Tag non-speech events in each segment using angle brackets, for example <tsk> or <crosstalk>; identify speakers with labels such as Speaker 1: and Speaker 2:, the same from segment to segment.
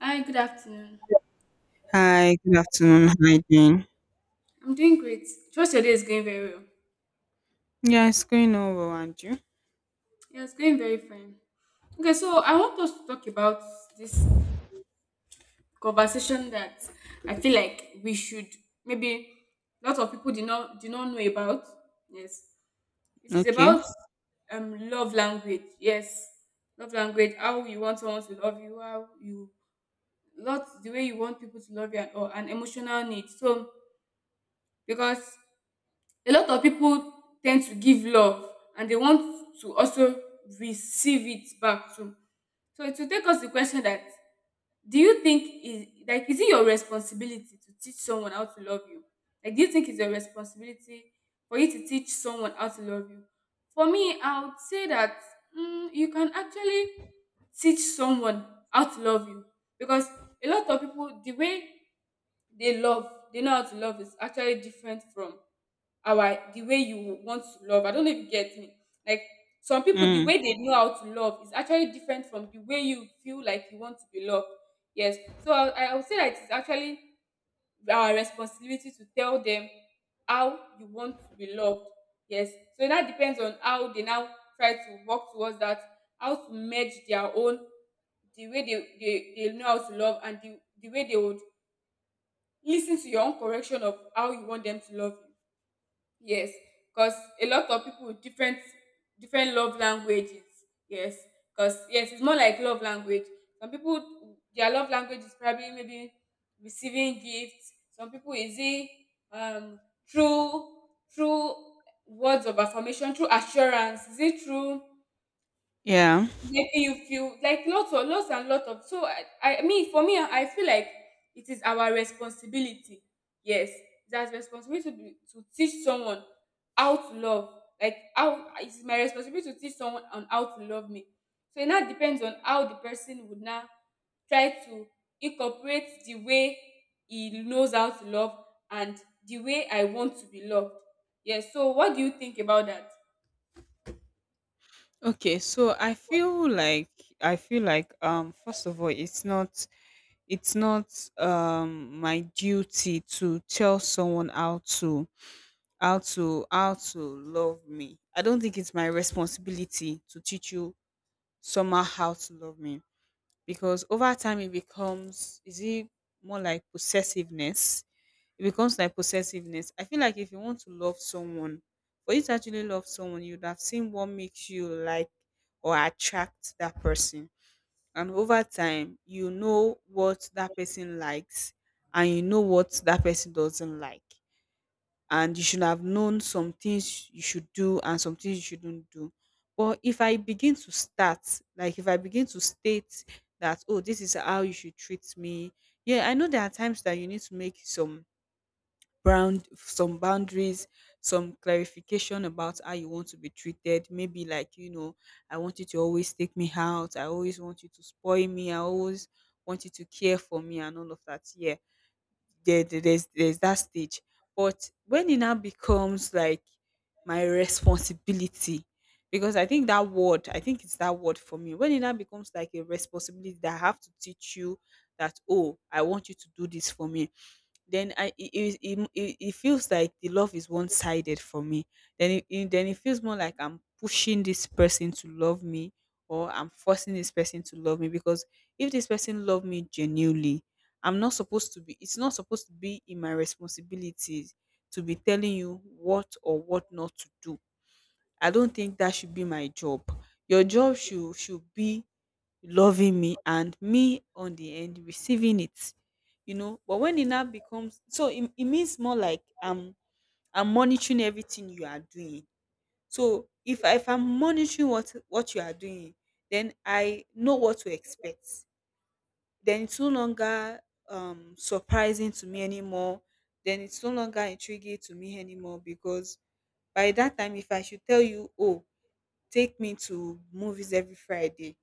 Speaker 1: Hi, good afternoon.
Speaker 2: Hi, good afternoon. Hi, Jane.
Speaker 1: I'm doing great. Trust your day is going very well.
Speaker 2: Yeah, it's going on well, and you?
Speaker 1: Yeah, it's going very fine. Okay, so I want us to talk about this conversation that I feel like we should maybe lots of people do not know about. Yes. It is
Speaker 2: Okay.
Speaker 1: about love language. Yes. Love language, how you want someone to love you, how you lots the way you want people to love you and all and emotional needs. So because a lot of people tend to give love and they want to also receive it back too. So it will take us the question that do you think is like is it your responsibility to teach someone how to love you? Like do you think it's your responsibility for you to teach someone how to love you? For me, I would say that you can actually teach someone how to love you because a lot of people the way they love they know how to love is actually different from our the way you want to love. I don't know if you get me. Like some people, the
Speaker 2: Mm,
Speaker 1: way they know how to love is actually different from the way you feel like you want to be loved. Yes. So I would say that it's actually our responsibility to tell them how you want to be loved. Yes. So that depends on how they now try to work towards that, how to merge their own, the way they know how to love and the way they would listen to your own correction of how you want them to love you. Yes, 'cause a lot of people with different love languages. Yes, 'cause yes, it's more like love language. Some people their love language is probably maybe receiving gifts. Some people is it um through through words of affirmation, through assurance. Is it through
Speaker 2: yeah.
Speaker 1: making you feel like lots of lots and lots of so I mean for me I feel like it is our responsibility, yes, that's responsibility to, be, to teach someone how to love, like how it's my responsibility to teach someone on how to love me. So it now depends on how the person would now try to incorporate the way he knows how to love and the way I want to be loved. Yes, so what do you think about that?
Speaker 2: Okay. So I feel like first of all, it's not. It's not my duty to tell someone how to love me. I don't think it's my responsibility to teach you somehow how to love me, because over time it becomes, is it more like possessiveness? It becomes like possessiveness. I feel like if you want to love someone, for you to actually love someone, you'd have seen what makes you like or attract that person. And over time, you know what that person likes and you know what that person doesn't like. And you should have known some things you should do and some things you shouldn't do. But if I begin to start, like if I begin to state that, oh, this is how you should treat me, yeah, I know there are times that you need to make some brand some boundaries, some clarification about how you want to be treated. Maybe, like, you know, I want you to always take me out, I always want you to spoil me, I always want you to care for me and all of that. Yeah, there's that stage. But when it now becomes like my responsibility, because I think that word, I think it's that word for me, when it now becomes like a responsibility that I have to teach you that, oh, I want you to do this for me, then I, it feels like the love is one sided for me. Then it feels more like I'm pushing this person to love me, or I'm forcing this person to love me. Because if this person love me genuinely, I'm not supposed to be, it's not supposed to be in my responsibilities to be telling you what or what not to do. I don't think that should be my job. Your job should be loving me, and me on the end receiving it, you know. But when it now becomes, so it means more like I'm monitoring everything you are doing. So if I'm monitoring what you are doing, then I know what to expect. Then it's no longer surprising to me anymore. Then it's no longer intriguing to me anymore, because by that time, if I should tell you, oh, take me to movies every Friday,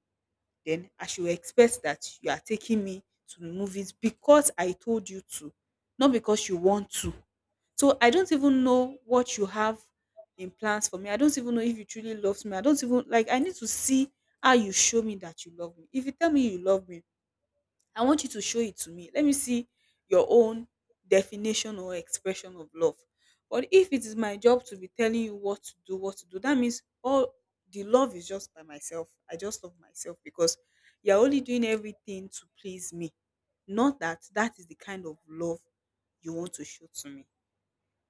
Speaker 2: then I should expect that you are taking me to the movies because I told you to, not because you want to. So I don't even know what you have in plans for me. I don't even know if you truly love me. I don't even, like, I need to see how you show me that you love me. If you tell me you love me, I want you to show it to me. Let me see your own definition or expression of love. But if it is my job to be telling you what to do, that means all the love is just by myself. I just love myself, because you're only doing everything to please me. Not that that is the kind of love you want to show to me.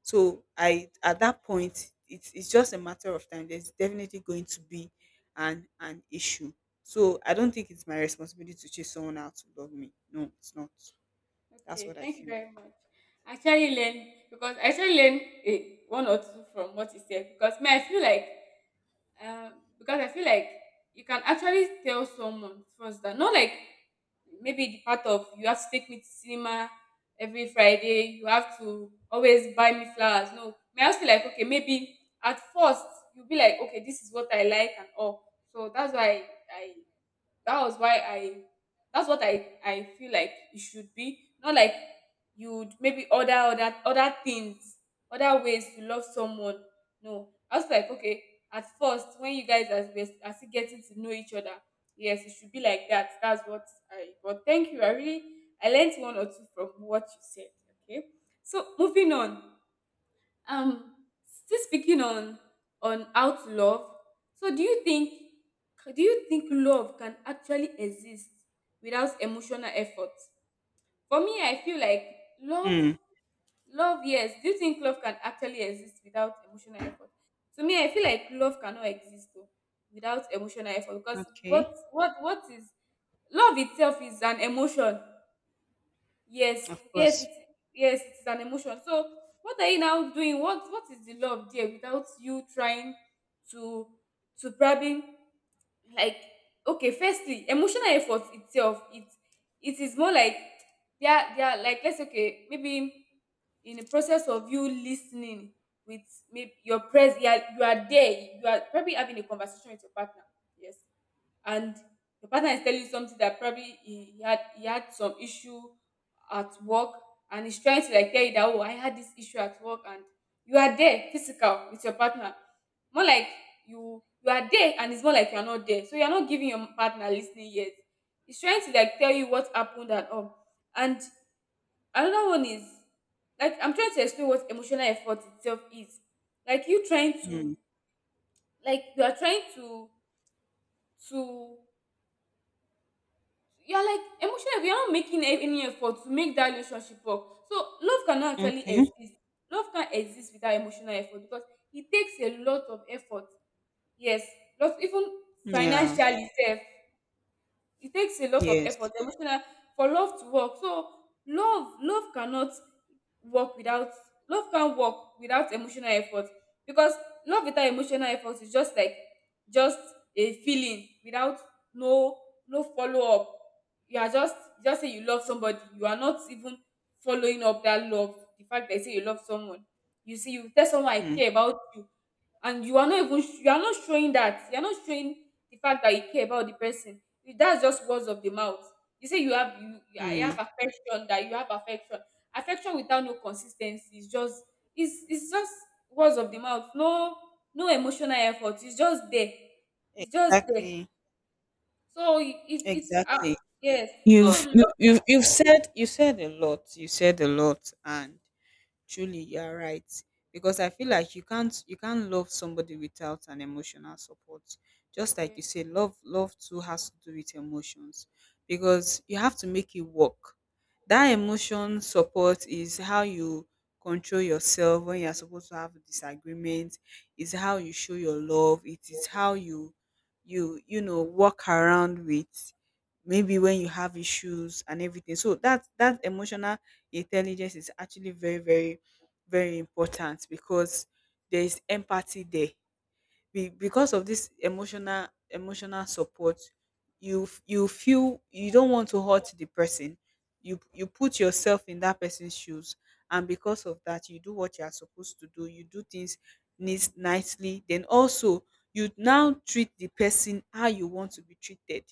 Speaker 2: So I, at that point, it's just a matter of time. There's definitely going to be an issue. So I don't think it's my responsibility to chase someone out to love me. No, it's not. That's
Speaker 1: Okay,
Speaker 2: what I
Speaker 1: thank you
Speaker 2: feel.
Speaker 1: very much. I actually learn a one or two from what you said because me, I feel like um because I feel like you can actually tell someone first that not like maybe the part of you have to take me to cinema every Friday, you have to always buy me flowers. No, may I also like okay maybe at first you'll be like okay this is what I like and all. So that's why I that was why I that's what I feel like it should be. Not like you'd maybe order, other things, other ways to love someone. No. I was like, okay, at first when you guys are still getting to know each other, yes, it should be like that. That's what I, but thank you. I really, I learned one or two from what you said. Okay. So moving on, um still speaking on out love. So do you think love can actually exist without emotional effort. For me, I feel like love
Speaker 2: Mm.
Speaker 1: love yes, do you think love can actually exist without emotional effort? To me, I feel like love cannot exist o without emotional effort because what
Speaker 2: Okay.
Speaker 1: what what is love itself is an emotion. Yes,
Speaker 2: Of
Speaker 1: yes,
Speaker 2: course.
Speaker 1: yes, it's an emotion. So, what are you now doing? What is the love there without you trying to to probably, like, okay, firstly, emotional effort itself, it is more like they are like, let's say okay, maybe in the process of you listening with maybe you are there, you are probably having a conversation with your partner. Yes, and your partner is telling you something that probably he had he had some issue at work, and he's trying to, like, tell you that, oh, I had this issue at work, and you are there physical with your partner, more like you are there and it's more like you're not there, so you're not giving your partner listening yet, he's trying to like tell you what happened and all. And another one is like, I'm trying to explain what emotional effort itself is, like you trying to,
Speaker 2: Mm.
Speaker 1: like you are trying to, you're like emotionally you are not making any effort to make that relationship work. So love cannot actually
Speaker 2: Okay.
Speaker 1: exist, love can't exist without emotional effort because it takes a lot of effort, yes, lot even
Speaker 2: Yeah.
Speaker 1: financially sef. It takes a lot of
Speaker 2: Yes.
Speaker 1: effort, emotional, for love to work. So love cannot work without love can't work without emotional effort because love without emotional effort is just like just a feeling without no no follow up. You are just say you love somebody. You are not even following up that love. The fact that you say you love someone, you see, you tell someone I
Speaker 2: Mm.
Speaker 1: care about you, and you are not even you are not showing that, you are not showing the fact that you care about the person. That's just words of the mouth. You say you have you, you
Speaker 2: Mm.
Speaker 1: are- have affection, that you have affection. Affection without no consistency is just, it's just words of the mouth, no emotional effort, it's just there, it's just there.
Speaker 2: Exactly.
Speaker 1: So it's
Speaker 2: Exactly.
Speaker 1: yes. So
Speaker 2: You've you you've you've said you said a lot. You said a lot, and truly, you are right. Because I feel like you can't, you can't love somebody without an emotional support. Just like
Speaker 1: yeah,
Speaker 2: you say, love too has to do with emotions. Because you have to make it work. That emotion support is how you control yourself when you're supposed to have a disagreement, is how you show your love, it is how you, you know, walk around with, maybe when you have issues and everything, so that that emotional intelligence is actually very, very, very important, because there's empathy there. Because of this emotional support, you feel you don't want to hurt the person. You put yourself in that person's shoes, and because of that, you do what you are supposed to do. You do things nicely. Then also, you now treat the person how you want to be treated,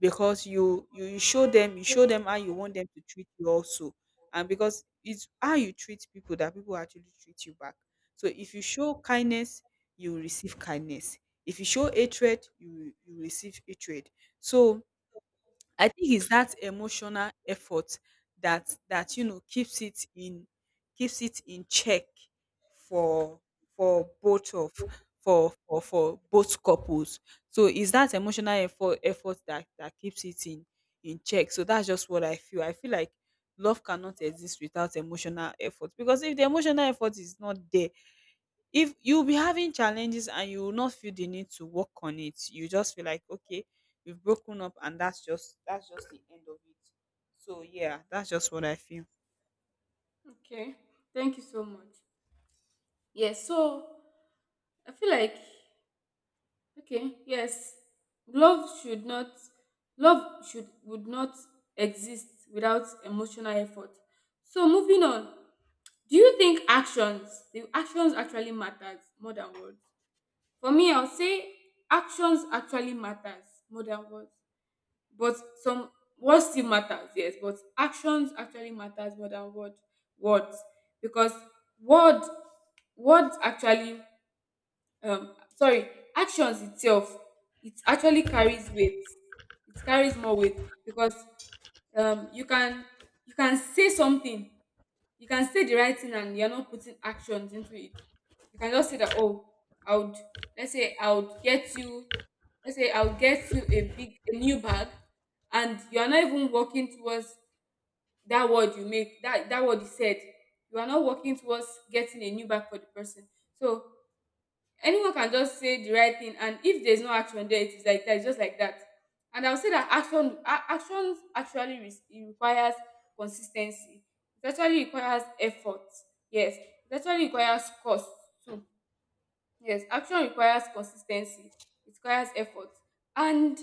Speaker 2: because you show them how you want them to treat you also. And because it's how you treat people that people actually treat you back, so if you show kindness, you will receive kindness. If you show hatred, you will receive hatred. So I think it's that emotional effort that you know, keeps it in check, for for both of for both couples. So it's that emotional effort that keeps it in check. So that's just what I feel. I feel like love cannot exist without emotional effort, because if the emotional effort is not there, if you'll be having challenges and you will not feel the need to work on it, you just feel like, okay, we've broken up, and that's just, that's just the end of it. So yeah, that's just what I feel.
Speaker 1: okay, thank you so much. Yes, so I feel like, okay, yes. Love should not, love should would not exist without emotional effort. So moving on, do you think actions, the actions actually matters more than words? For me, I'll say actions actually matters more than words. But some words still matters, yes, but actions actually matters more than words because word words actually sorry, actions itself, it actually carries weight, it carries more weight because um you can you can say something, you can say the right thing and you're not putting actions into it. You can just say that, oh, I would let's say I would get you a new bag, and you are not even working towards that word you make, that word you said, you are not working towards getting a new bag for the person. So anyone can just say the right thing, and if there's no action there, it is like that, it's just like that. And I'll say that actions actually it requires consistency, it actually requires effort, yes, it actually requires cost too. Yes, action requires consistency, it requires effort. And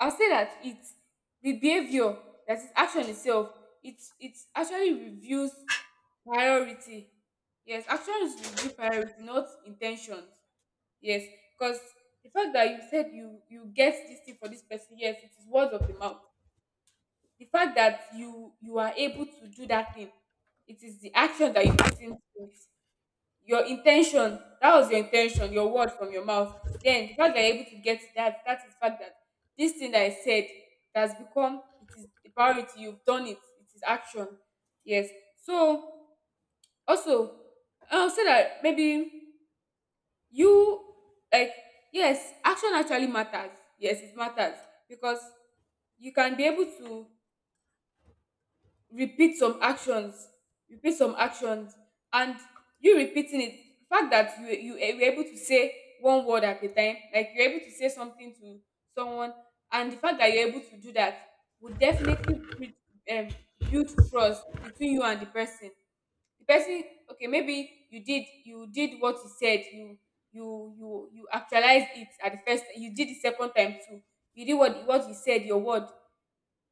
Speaker 1: I'll say that it's the behavior, that is action itself, it actually reviews priority, yes, actions review priority, not intentions. Yes, because the fact that you said you get this thing for this person, yes, it is words of the mouth. The fact that you are able to do that thing, it is the action that you put into it. Your intention, that was your intention, your word from your mouth. Then the fact that you're able to get that, that is the fact that this thing that I said has become, it is a priority. You've done it. It is action. Yes. So also, I'll say that maybe you like, yes, action actually matters, yes, it matters, because you can be able to repeat some actions repeat some actions, and you repeating it, the fact that you were able to say one word at a time, like you're able to say something to someone, and the fact that you're able to do that would definitely build, um, build trust between you and the person. Okay, maybe you did what you said you actualized it at the first, you did the second time too, you did what you said your word,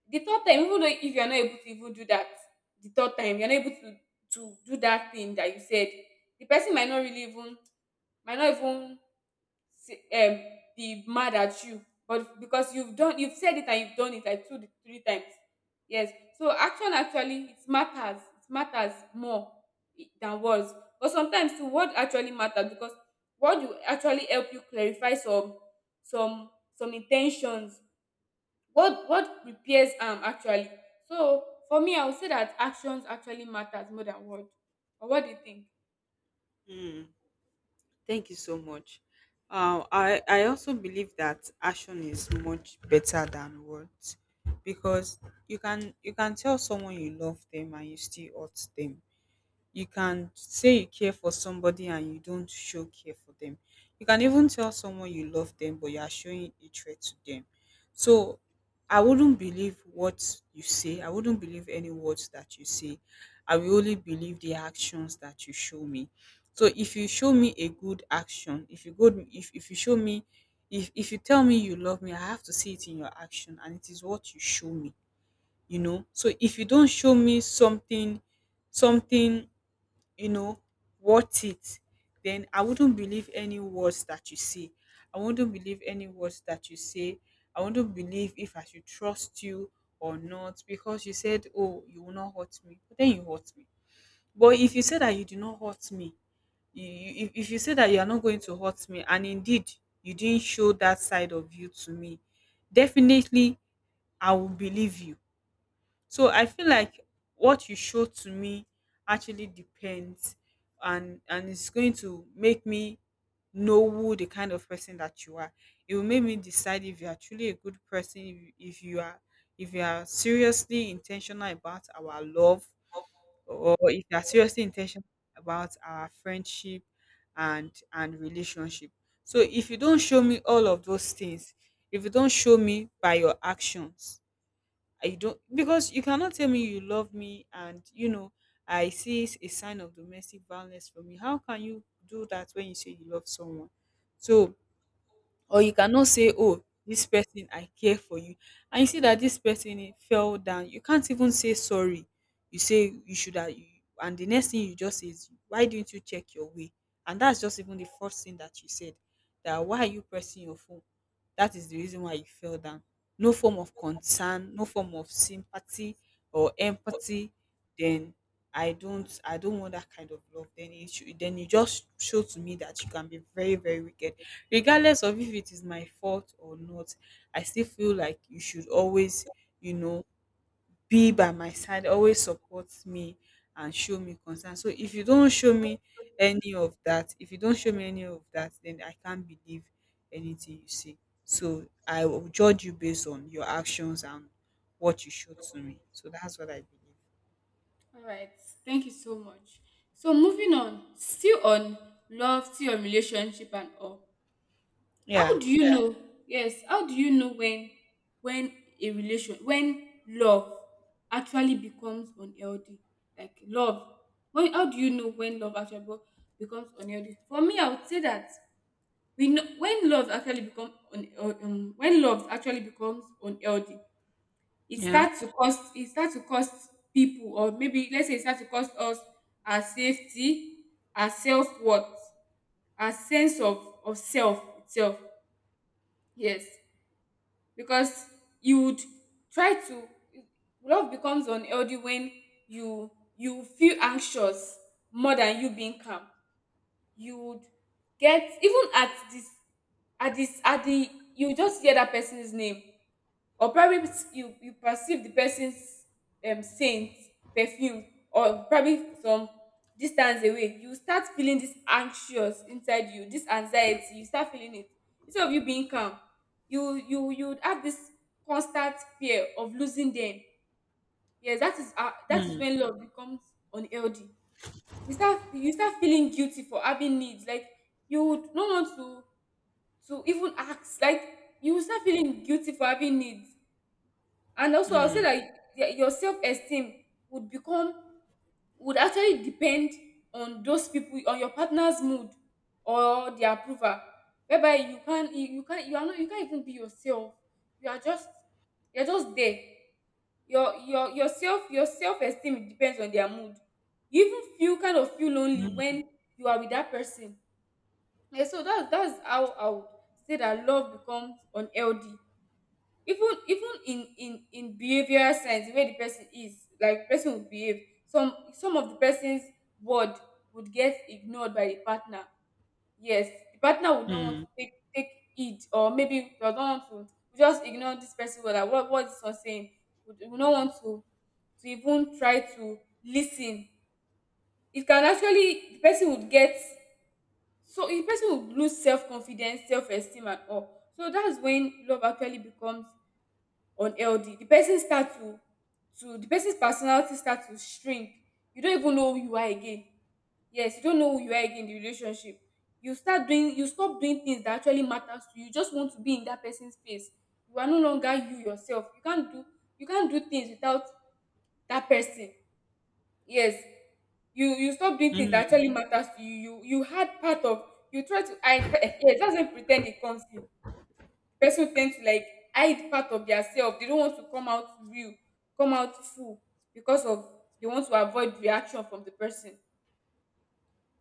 Speaker 1: the third time, even though if you are not able to even do that the third time, you are not able to do that thing that you said. The person might not really even might not even say be mad at you, but because you've done you've said it and you've done it like two to three times, yes. So action actually, it matters, it matters more, than words. But sometimes the word actually matters because word will actually help you clarify some some intentions. What repairs am actually, so for me I would say that actions actually matters more than word. But what do you think?
Speaker 2: Mm, thank you so much. I also believe that action is much better than words, because you can tell someone you love them and you still hurt them. You can say you care for somebody and you don't show care for them. You can even tell someone you love them, but you are showing a threat to them. So I wouldn't believe what you say. I wouldn't believe any words that you say. I will only believe the actions that you show me. So if you show me a good action, if you good if you show me if you tell me you love me, I have to see it in your action and it is what you show me, you know. So if you don't show me something, you know, worth it, then I wouldn't believe any words that you say. I wouldn't believe any words that you say. I wouldn't believe if I should trust you or not, because you said, oh, you will not hurt me, but then you hurt me. But if you say that you do not hurt me, if you say that you are not going to hurt me, and indeed you didn't show that side of you to me, definitely I will believe you. So I feel like what you show to me actually depends, and it's going to make me know who the kind of person that you are. It will make me decide if you are truly a good person, if you are seriously intentional about our love, or if you are seriously intentional about our friendship and relationship. So if you don't show me all of those things, if you don't show me by your actions, I don't, because you cannot tell me you love me, and, you know, I see s- a sign of domestic violence from you. How can you do that when you say you love someone? So, or you cannot say, oh, this person, I care for you, and you see that this person, eh, fell down, you can't even say sorry. You say you should have you, and the next thing you just say is, why didn't you check your way? And that's just even the first thing that you said, that, why are you pressing your phone? That is the reason why you fell down. No form of concern, no form of sympathy or empathy. Then I don't want that kind of love. Then it should, then you just show to me that you can be very, very wicked, regardless of if it is my fault or not. I still feel like you should always, you know, be by my side, always support me and show me concern. So if you don't show me any of that, if you don't show me any of that, then I can't believe anything you say. So I will judge you based on your actions and what you show to me. So that's what I believe.
Speaker 1: All right. Thank you so much. So moving on, still on love, still on relationship and all.
Speaker 2: Yeah,
Speaker 1: How do you, yeah, know? Yes. How do you know when a relation when love actually becomes unhealthy? Like love. When How do you know when love actually becomes unhealthy? For me, I would say that we know when love actually becomes unhealthy.
Speaker 2: yeah.
Speaker 1: It starts to cost people, or maybe let's say it starts to cost us our safety, our self-worth, our sense of self itself. Yes, because you would try to love becomes unhealthy when you you feel anxious more than you being calm. You would get even at this at this at the you just hear that person's name, or probably you perceive the person's scent, perfume, or probably some distance away you start feeling this anxious inside you, this anxiety you start feeling it instead of you being calm. You have this constant fear of losing them. Yes, that is when love becomes unhealthy. You start feeling guilty for having needs, like you would not want to even ask. Like you will start feeling guilty for having needs. And also I'll say
Speaker 2: Mm,
Speaker 1: that your self-esteem would become, would actually depend on those people on your partner's mood or their approval, whereby you can't even be yourself. you are just you're just there. Your self-esteem depends on their mood. You even feel kind of feel lonely
Speaker 2: mm,
Speaker 1: when you are with that person. Yeah, so that's how I would say that love becomes unhealthy. Even in behavioral sense, the way the person is, like, person will behave. Some of the person's word would get ignored by the partner. Yes, the partner would not want
Speaker 2: mm,
Speaker 1: to take it, or maybe does not want to, we just ignore this person word, like what is this one saying. Would not want to even try to listen. It can actually The person would get, so the person would lose self-confidence, self-esteem and all. So that's when love actually becomes unhealthy. The person's personality start to shrink. You don't even know who you are again. Yes, you don't know who you are again in the relationship. You stop doing things that actually matters to you. You just want to be in that person's face. You are no longer you yourself. You can't do things without that person. Yes. You stop doing things that
Speaker 2: mm,
Speaker 1: actually matters to you. You had part of you try to hide <laughs> yes, that's when pretend it comes in. The person will tend to, like, hide part of their self. They don't want to come out real, come out full, because of they want to avoid reaction from the person.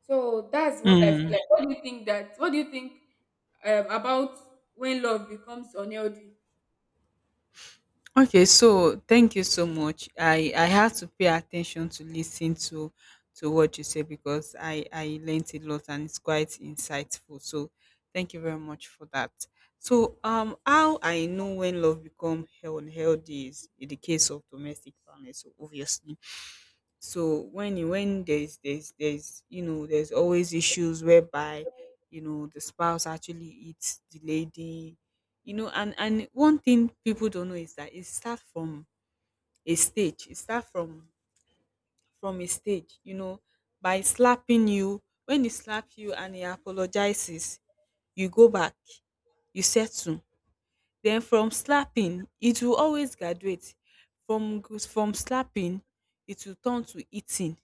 Speaker 1: So that's what I feel
Speaker 2: mm.
Speaker 1: like. What do you think that? What do you think about when love becomes unhealthy?
Speaker 2: Okay, so thank you so much. I have to pay attention to listen to what you say, because I learned a lot and it's quite insightful. So thank you very much for that. So how I know when love become unhealthy is in the case of domestic violence. So obviously, when there's there's always issues whereby you know the spouse actually eats the lady, you know. And one thing people don't know is that it starts from a stage. It starts from a stage, you know, by slapping you. When he slaps you and he apologizes, you go back, you settle. Then from slapping it will always graduate. From slapping it will turn to eating.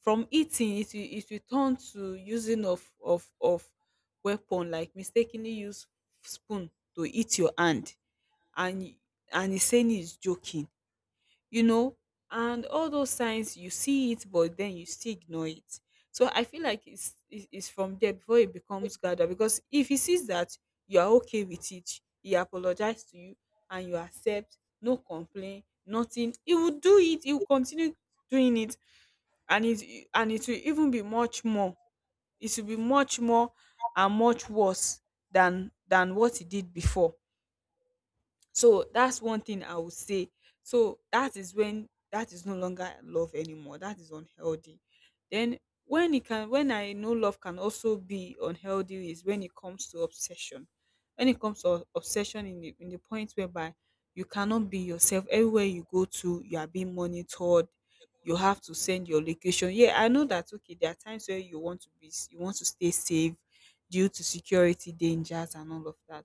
Speaker 2: From eating it will, it will turn to using of weapon, like mistakenly use spoon to eat your hand, and and he's saying he's joking, you know. And all those signs, you see it, but then you still ignore it. So I feel like it's from there before it becomes gather, because if he sees that you are okay with it, he apologizes to you and you accept, no complaint, nothing, he will do it, he will continue doing it. And it will even be much more, it will be much more and much worse than what he did before. So that's one thing I would say. So that is when, that is no longer love anymore. That is unhealthy. Then when it can, when I know love can also be unhealthy is when it comes to obsession. When it comes to obsession in the point whereby you cannot be yourself. Everywhere you go to, you are being monitored, you have to send your location. Yeah, I know that, okay, there are times where you want to you want to stay safe due to security dangers and all of that.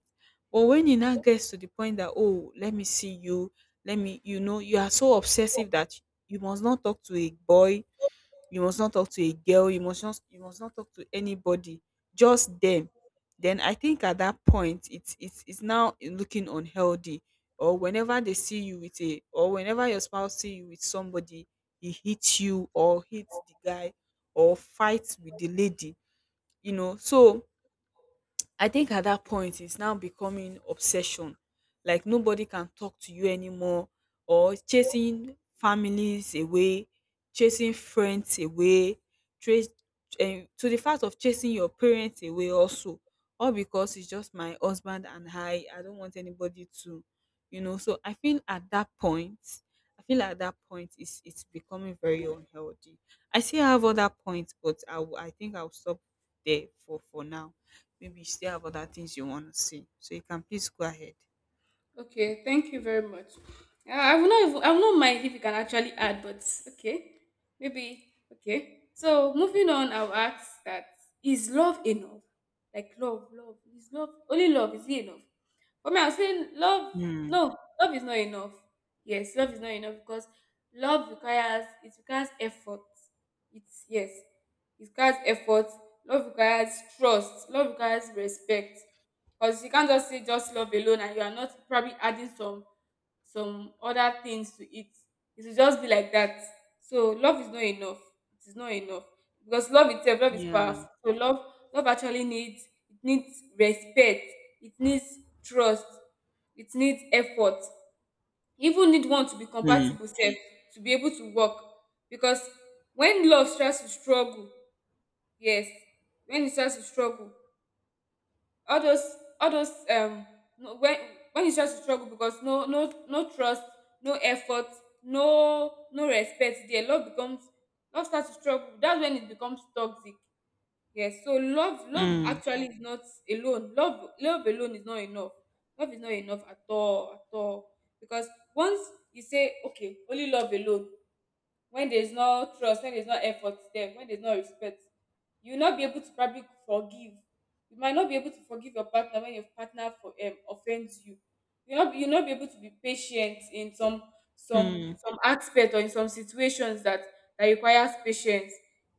Speaker 2: But when it now gets to the point that, oh, let me see you, let me, you know, you are so obsessive that you must not talk to a boy, you must not talk to a girl, you must not talk to anybody, just them. Then I think at that point, it's now looking unhealthy. Or whenever they see you with a, or whenever your spouse see you with somebody, he hits you or hits the guy or fights with the lady. You know, so I think at that point it's now becoming obsession. Like nobody can talk to you anymore, or chasing families away, chasing friends away, trace to the fact of chasing your parents away also. All because it's just my husband and I. I don't want anybody to, you know. So I feel at that point, I feel at that point it's becoming very unhealthy. I still have other points, but I think I'll stop there for now. Maybe you still have other things you want to say, so you can please go ahead.
Speaker 1: Okay, thank you very much. I will not mind if you can actually add, but okay, maybe okay. So moving on, I'll ask that, is love enough? Like love, love is love only love, is it enough? For me, I'll saying love.
Speaker 2: Mm.
Speaker 1: No, love is not enough. Yes, love is not enough because love requires it requires effort. It's Yes, it requires effort. Love requires trust. Love requires respect. 'Cause you can't just say just love alone and you are not probably adding some other things to it. It will just be like that. So love is not enough. It is not enough. Because love itself, love is
Speaker 2: Yeah.
Speaker 1: powerful. So love actually needs, it needs respect, it needs trust, it needs effort. You even need one to be
Speaker 2: Mm.
Speaker 1: compatible self to be able to work. Because when love starts to struggle, yes, when it starts to struggle, all those all those no- when it's just struggle, because no no trust, no effort, no respect there, love starts to struggle. That's when it becomes toxic. Yes, so love
Speaker 2: Mm.
Speaker 1: actually is not alone love alone is not enough. Love is not enough at all, at all. Because once you say okay, only love alone, when there's no trust, when there's no effort there, when there's no respect, you will not be able to probably forgive, you might not be able to forgive your partner when your partner for offends you, you not be able to be patient in some some
Speaker 2: Mm.
Speaker 1: some aspect, or in some situations that requires patience.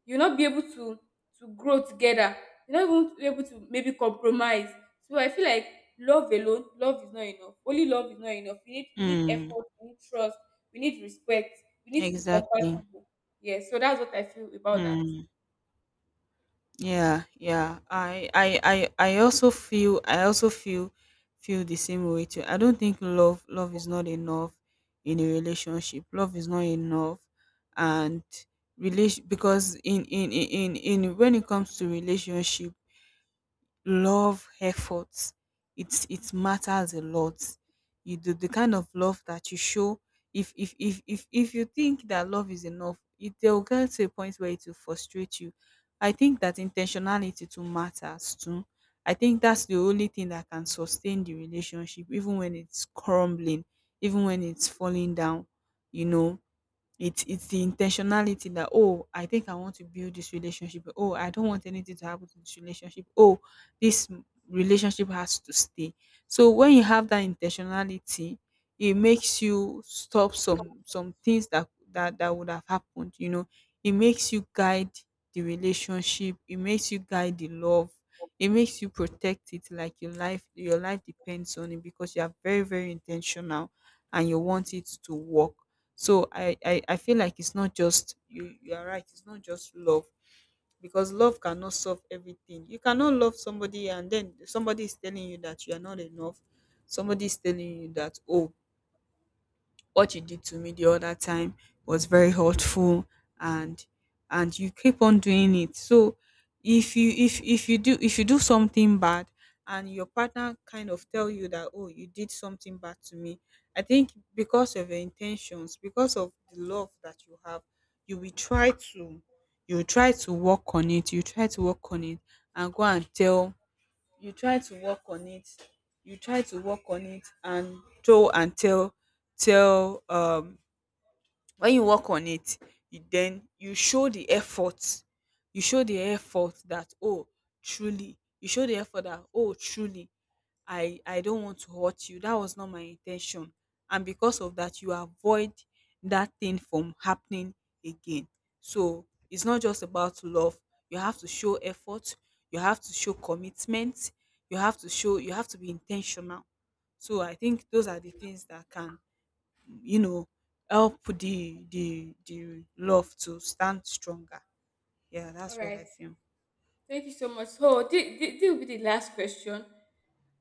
Speaker 1: You will not be able to grow together. You not even be able to maybe compromise. So I feel like love alone, love is not enough. Only love is not enough. We need
Speaker 2: Mm.
Speaker 1: effort, we need trust, we need respect, we need to be
Speaker 2: Exactly.
Speaker 1: compatible. Yes, so that's what I feel about that.
Speaker 2: Mm. Yeah. Yeah. I also feel. Feel the same way too. I don't think love. Love is not enough in a relationship. Love is not enough, and relation, because when it comes to relationship, love, efforts, it's, it matters a lot. You do, the kind of love that you show, if you think that love is enough, it, they'll get to a point where it will frustrate you. I think that intentionality too matters too. I think that's the only thing that can sustain the relationship even when it's crumbling, even when it's falling down, you know. It's the intentionality that, "Oh, I think I want to build this relationship. Oh, I don't want anything to happen to this relationship. Oh, this relationship has to stay." So when you have that intentionality, it makes you stop some things that that would have happened, you know. It makes you guide the relationship, it makes you guide the love, it makes you protect it like your life, your life depends on it because you are very, very intentional and you want it to work. So I feel like it's not just, you are right, it's not just love, because love cannot solve everything. You cannot love somebody and then somebody is telling you that you are not enough, somebody is telling you that, oh, what you did to me the other time was very hurtful, and and you keep on doing it. So if you, if you do something bad and your partner kind of tell you that, oh, you did something bad to me, I think because of your intentions, because of the love that you have, you will try to, you will try to work on it, you try to work on it and go and tell, you try to work on it, you try to work on it and toe and tell, tell when you work on it, you then you show the effort, you show the effort that, oh truly, you show the effort that, oh truly, I don't want to hurt you, that was not my intention. And because of that, you avoid that thing from happening again. So it's not just about love, you have to show effort, you have to show commitment, you have to show, you have to be intentional. So I think those are the things that can, you know, help the the love to stand stronger. Yeah,
Speaker 1: All
Speaker 2: that's what I
Speaker 1: right.
Speaker 2: feel.
Speaker 1: Thank you so much. So this will be the last question.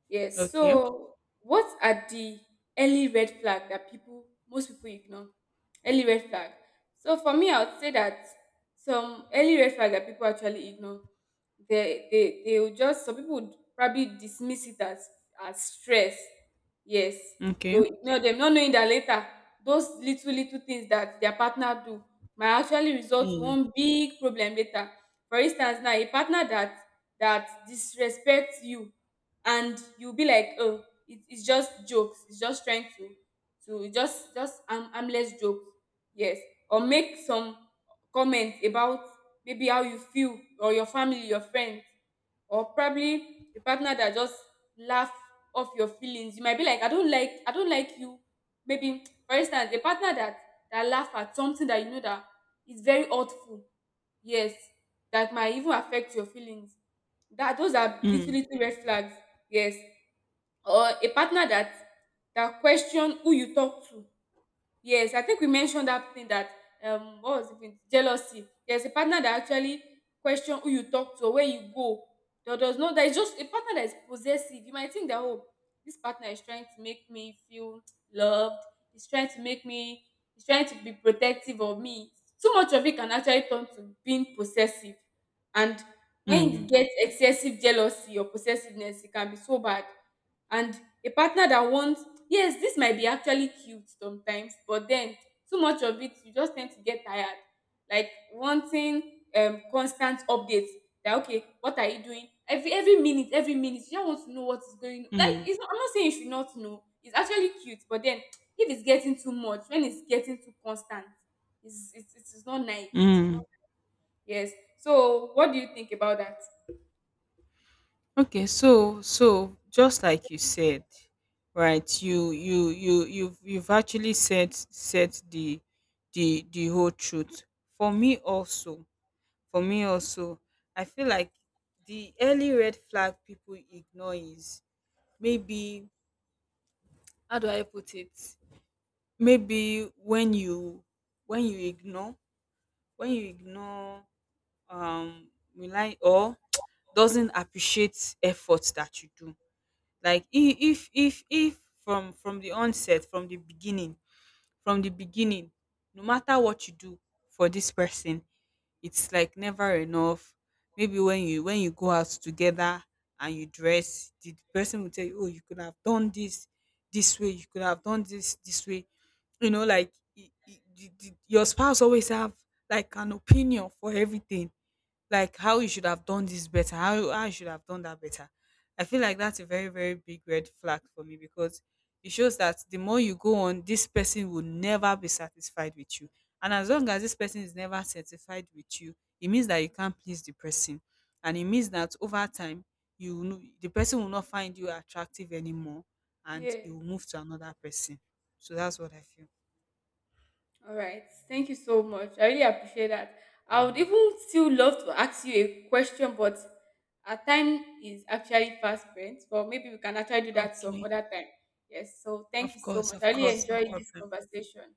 Speaker 1: Yes.
Speaker 2: Okay.
Speaker 1: So, what are the early red flag that most people ignore? Early red flag. So for me, I would say that some early red flag that people actually ignore, they will just some people would probably dismiss it as stress. Yes,
Speaker 2: Okay.
Speaker 1: they'll ignore them, not knowing that later those little things that their partner do might actually result to
Speaker 2: Mm.
Speaker 1: one big problem later. For instance, now a partner that disrespects you, and you'll be like, oh, it's just jokes, it's just trying to harmless jokes. Yes. Or make some comments about maybe how you feel or your family, your friends. Or probably a partner that just laugh off your feelings. You might be like, I don't like you. Maybe for instance a partner that laugh at something that you know that is very hurtful. Yes, that might even affect your feelings. That those are little
Speaker 2: Mm.
Speaker 1: little red flags. Yes. Or a partner that question who you talk to. Yes, I think we mentioned that thing that what was it again? Jealousy. There's a partner that actually question who you talk to or where you go. There does not There is just a partner that is possessive. You might think that, oh, this partner is trying to make me feel loved, he's trying to make me he's trying to be protective of me. Too much of it can actually turn to being possessive. And when you
Speaker 2: Mm.
Speaker 1: get excessive jealousy or possessiveness, it can be so bad. And a partner that wants, yes, this might be actually cute sometimes, but then too much of it you just tend to get tired, like wanting constant updates, that okay, what are you doing, every minute, every minute, you just want to know what is going on. Like
Speaker 2: Mm.
Speaker 1: it's not, I'm not saying you should not know. It's actually cute, but then if it's getting too much, when it's getting too constant, it's not nice, it's not.
Speaker 2: Mm.
Speaker 1: Yes. So what do you think about that?
Speaker 2: Okay, so, just like you said, right, you've actually said the the whole truth. For me also, for me also, I feel like the early red flag people ignore is, maybe, how do I put it, maybe when you, when you ignore when you ignore um rely or <tsk> doesn't appreciate efforts that you do, like, if from the onset, from the beginning, from the beginning, no matter what you do for this person, it's like never enough. Maybe when you, when you go out together and you dress, the person will tell you, "Oh, you could have done this this way. You could have done this this way." You know, like, your spouse always have like an opinion for everything, like how you should have done this better, how I should have done that better. I feel like that's a very, very big red flag for me, because it shows that the more you go on, this person will never be satisfied with you. And as long as this person is never satisfied with you, it means that you can't please the person. And it means that over time, you will the person will not find you attractive anymore and
Speaker 1: Yeah.
Speaker 2: you will move to another person. So that's what I feel.
Speaker 1: All right. Thank you so much. I really appreciate that. I would even still love to ask you a question, but our time is actually fast spent. But maybe we can actually do that some
Speaker 2: Okay.
Speaker 1: other time. Yes. So thank you so much.
Speaker 2: Of
Speaker 1: I really
Speaker 2: course, no
Speaker 1: enjoyed this
Speaker 2: problem.
Speaker 1: conversation.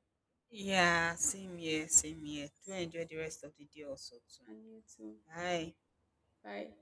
Speaker 2: Yeah, same here, same here. Do enjoy the rest of the day also too.
Speaker 1: And you too.
Speaker 2: Bye.
Speaker 1: Bye.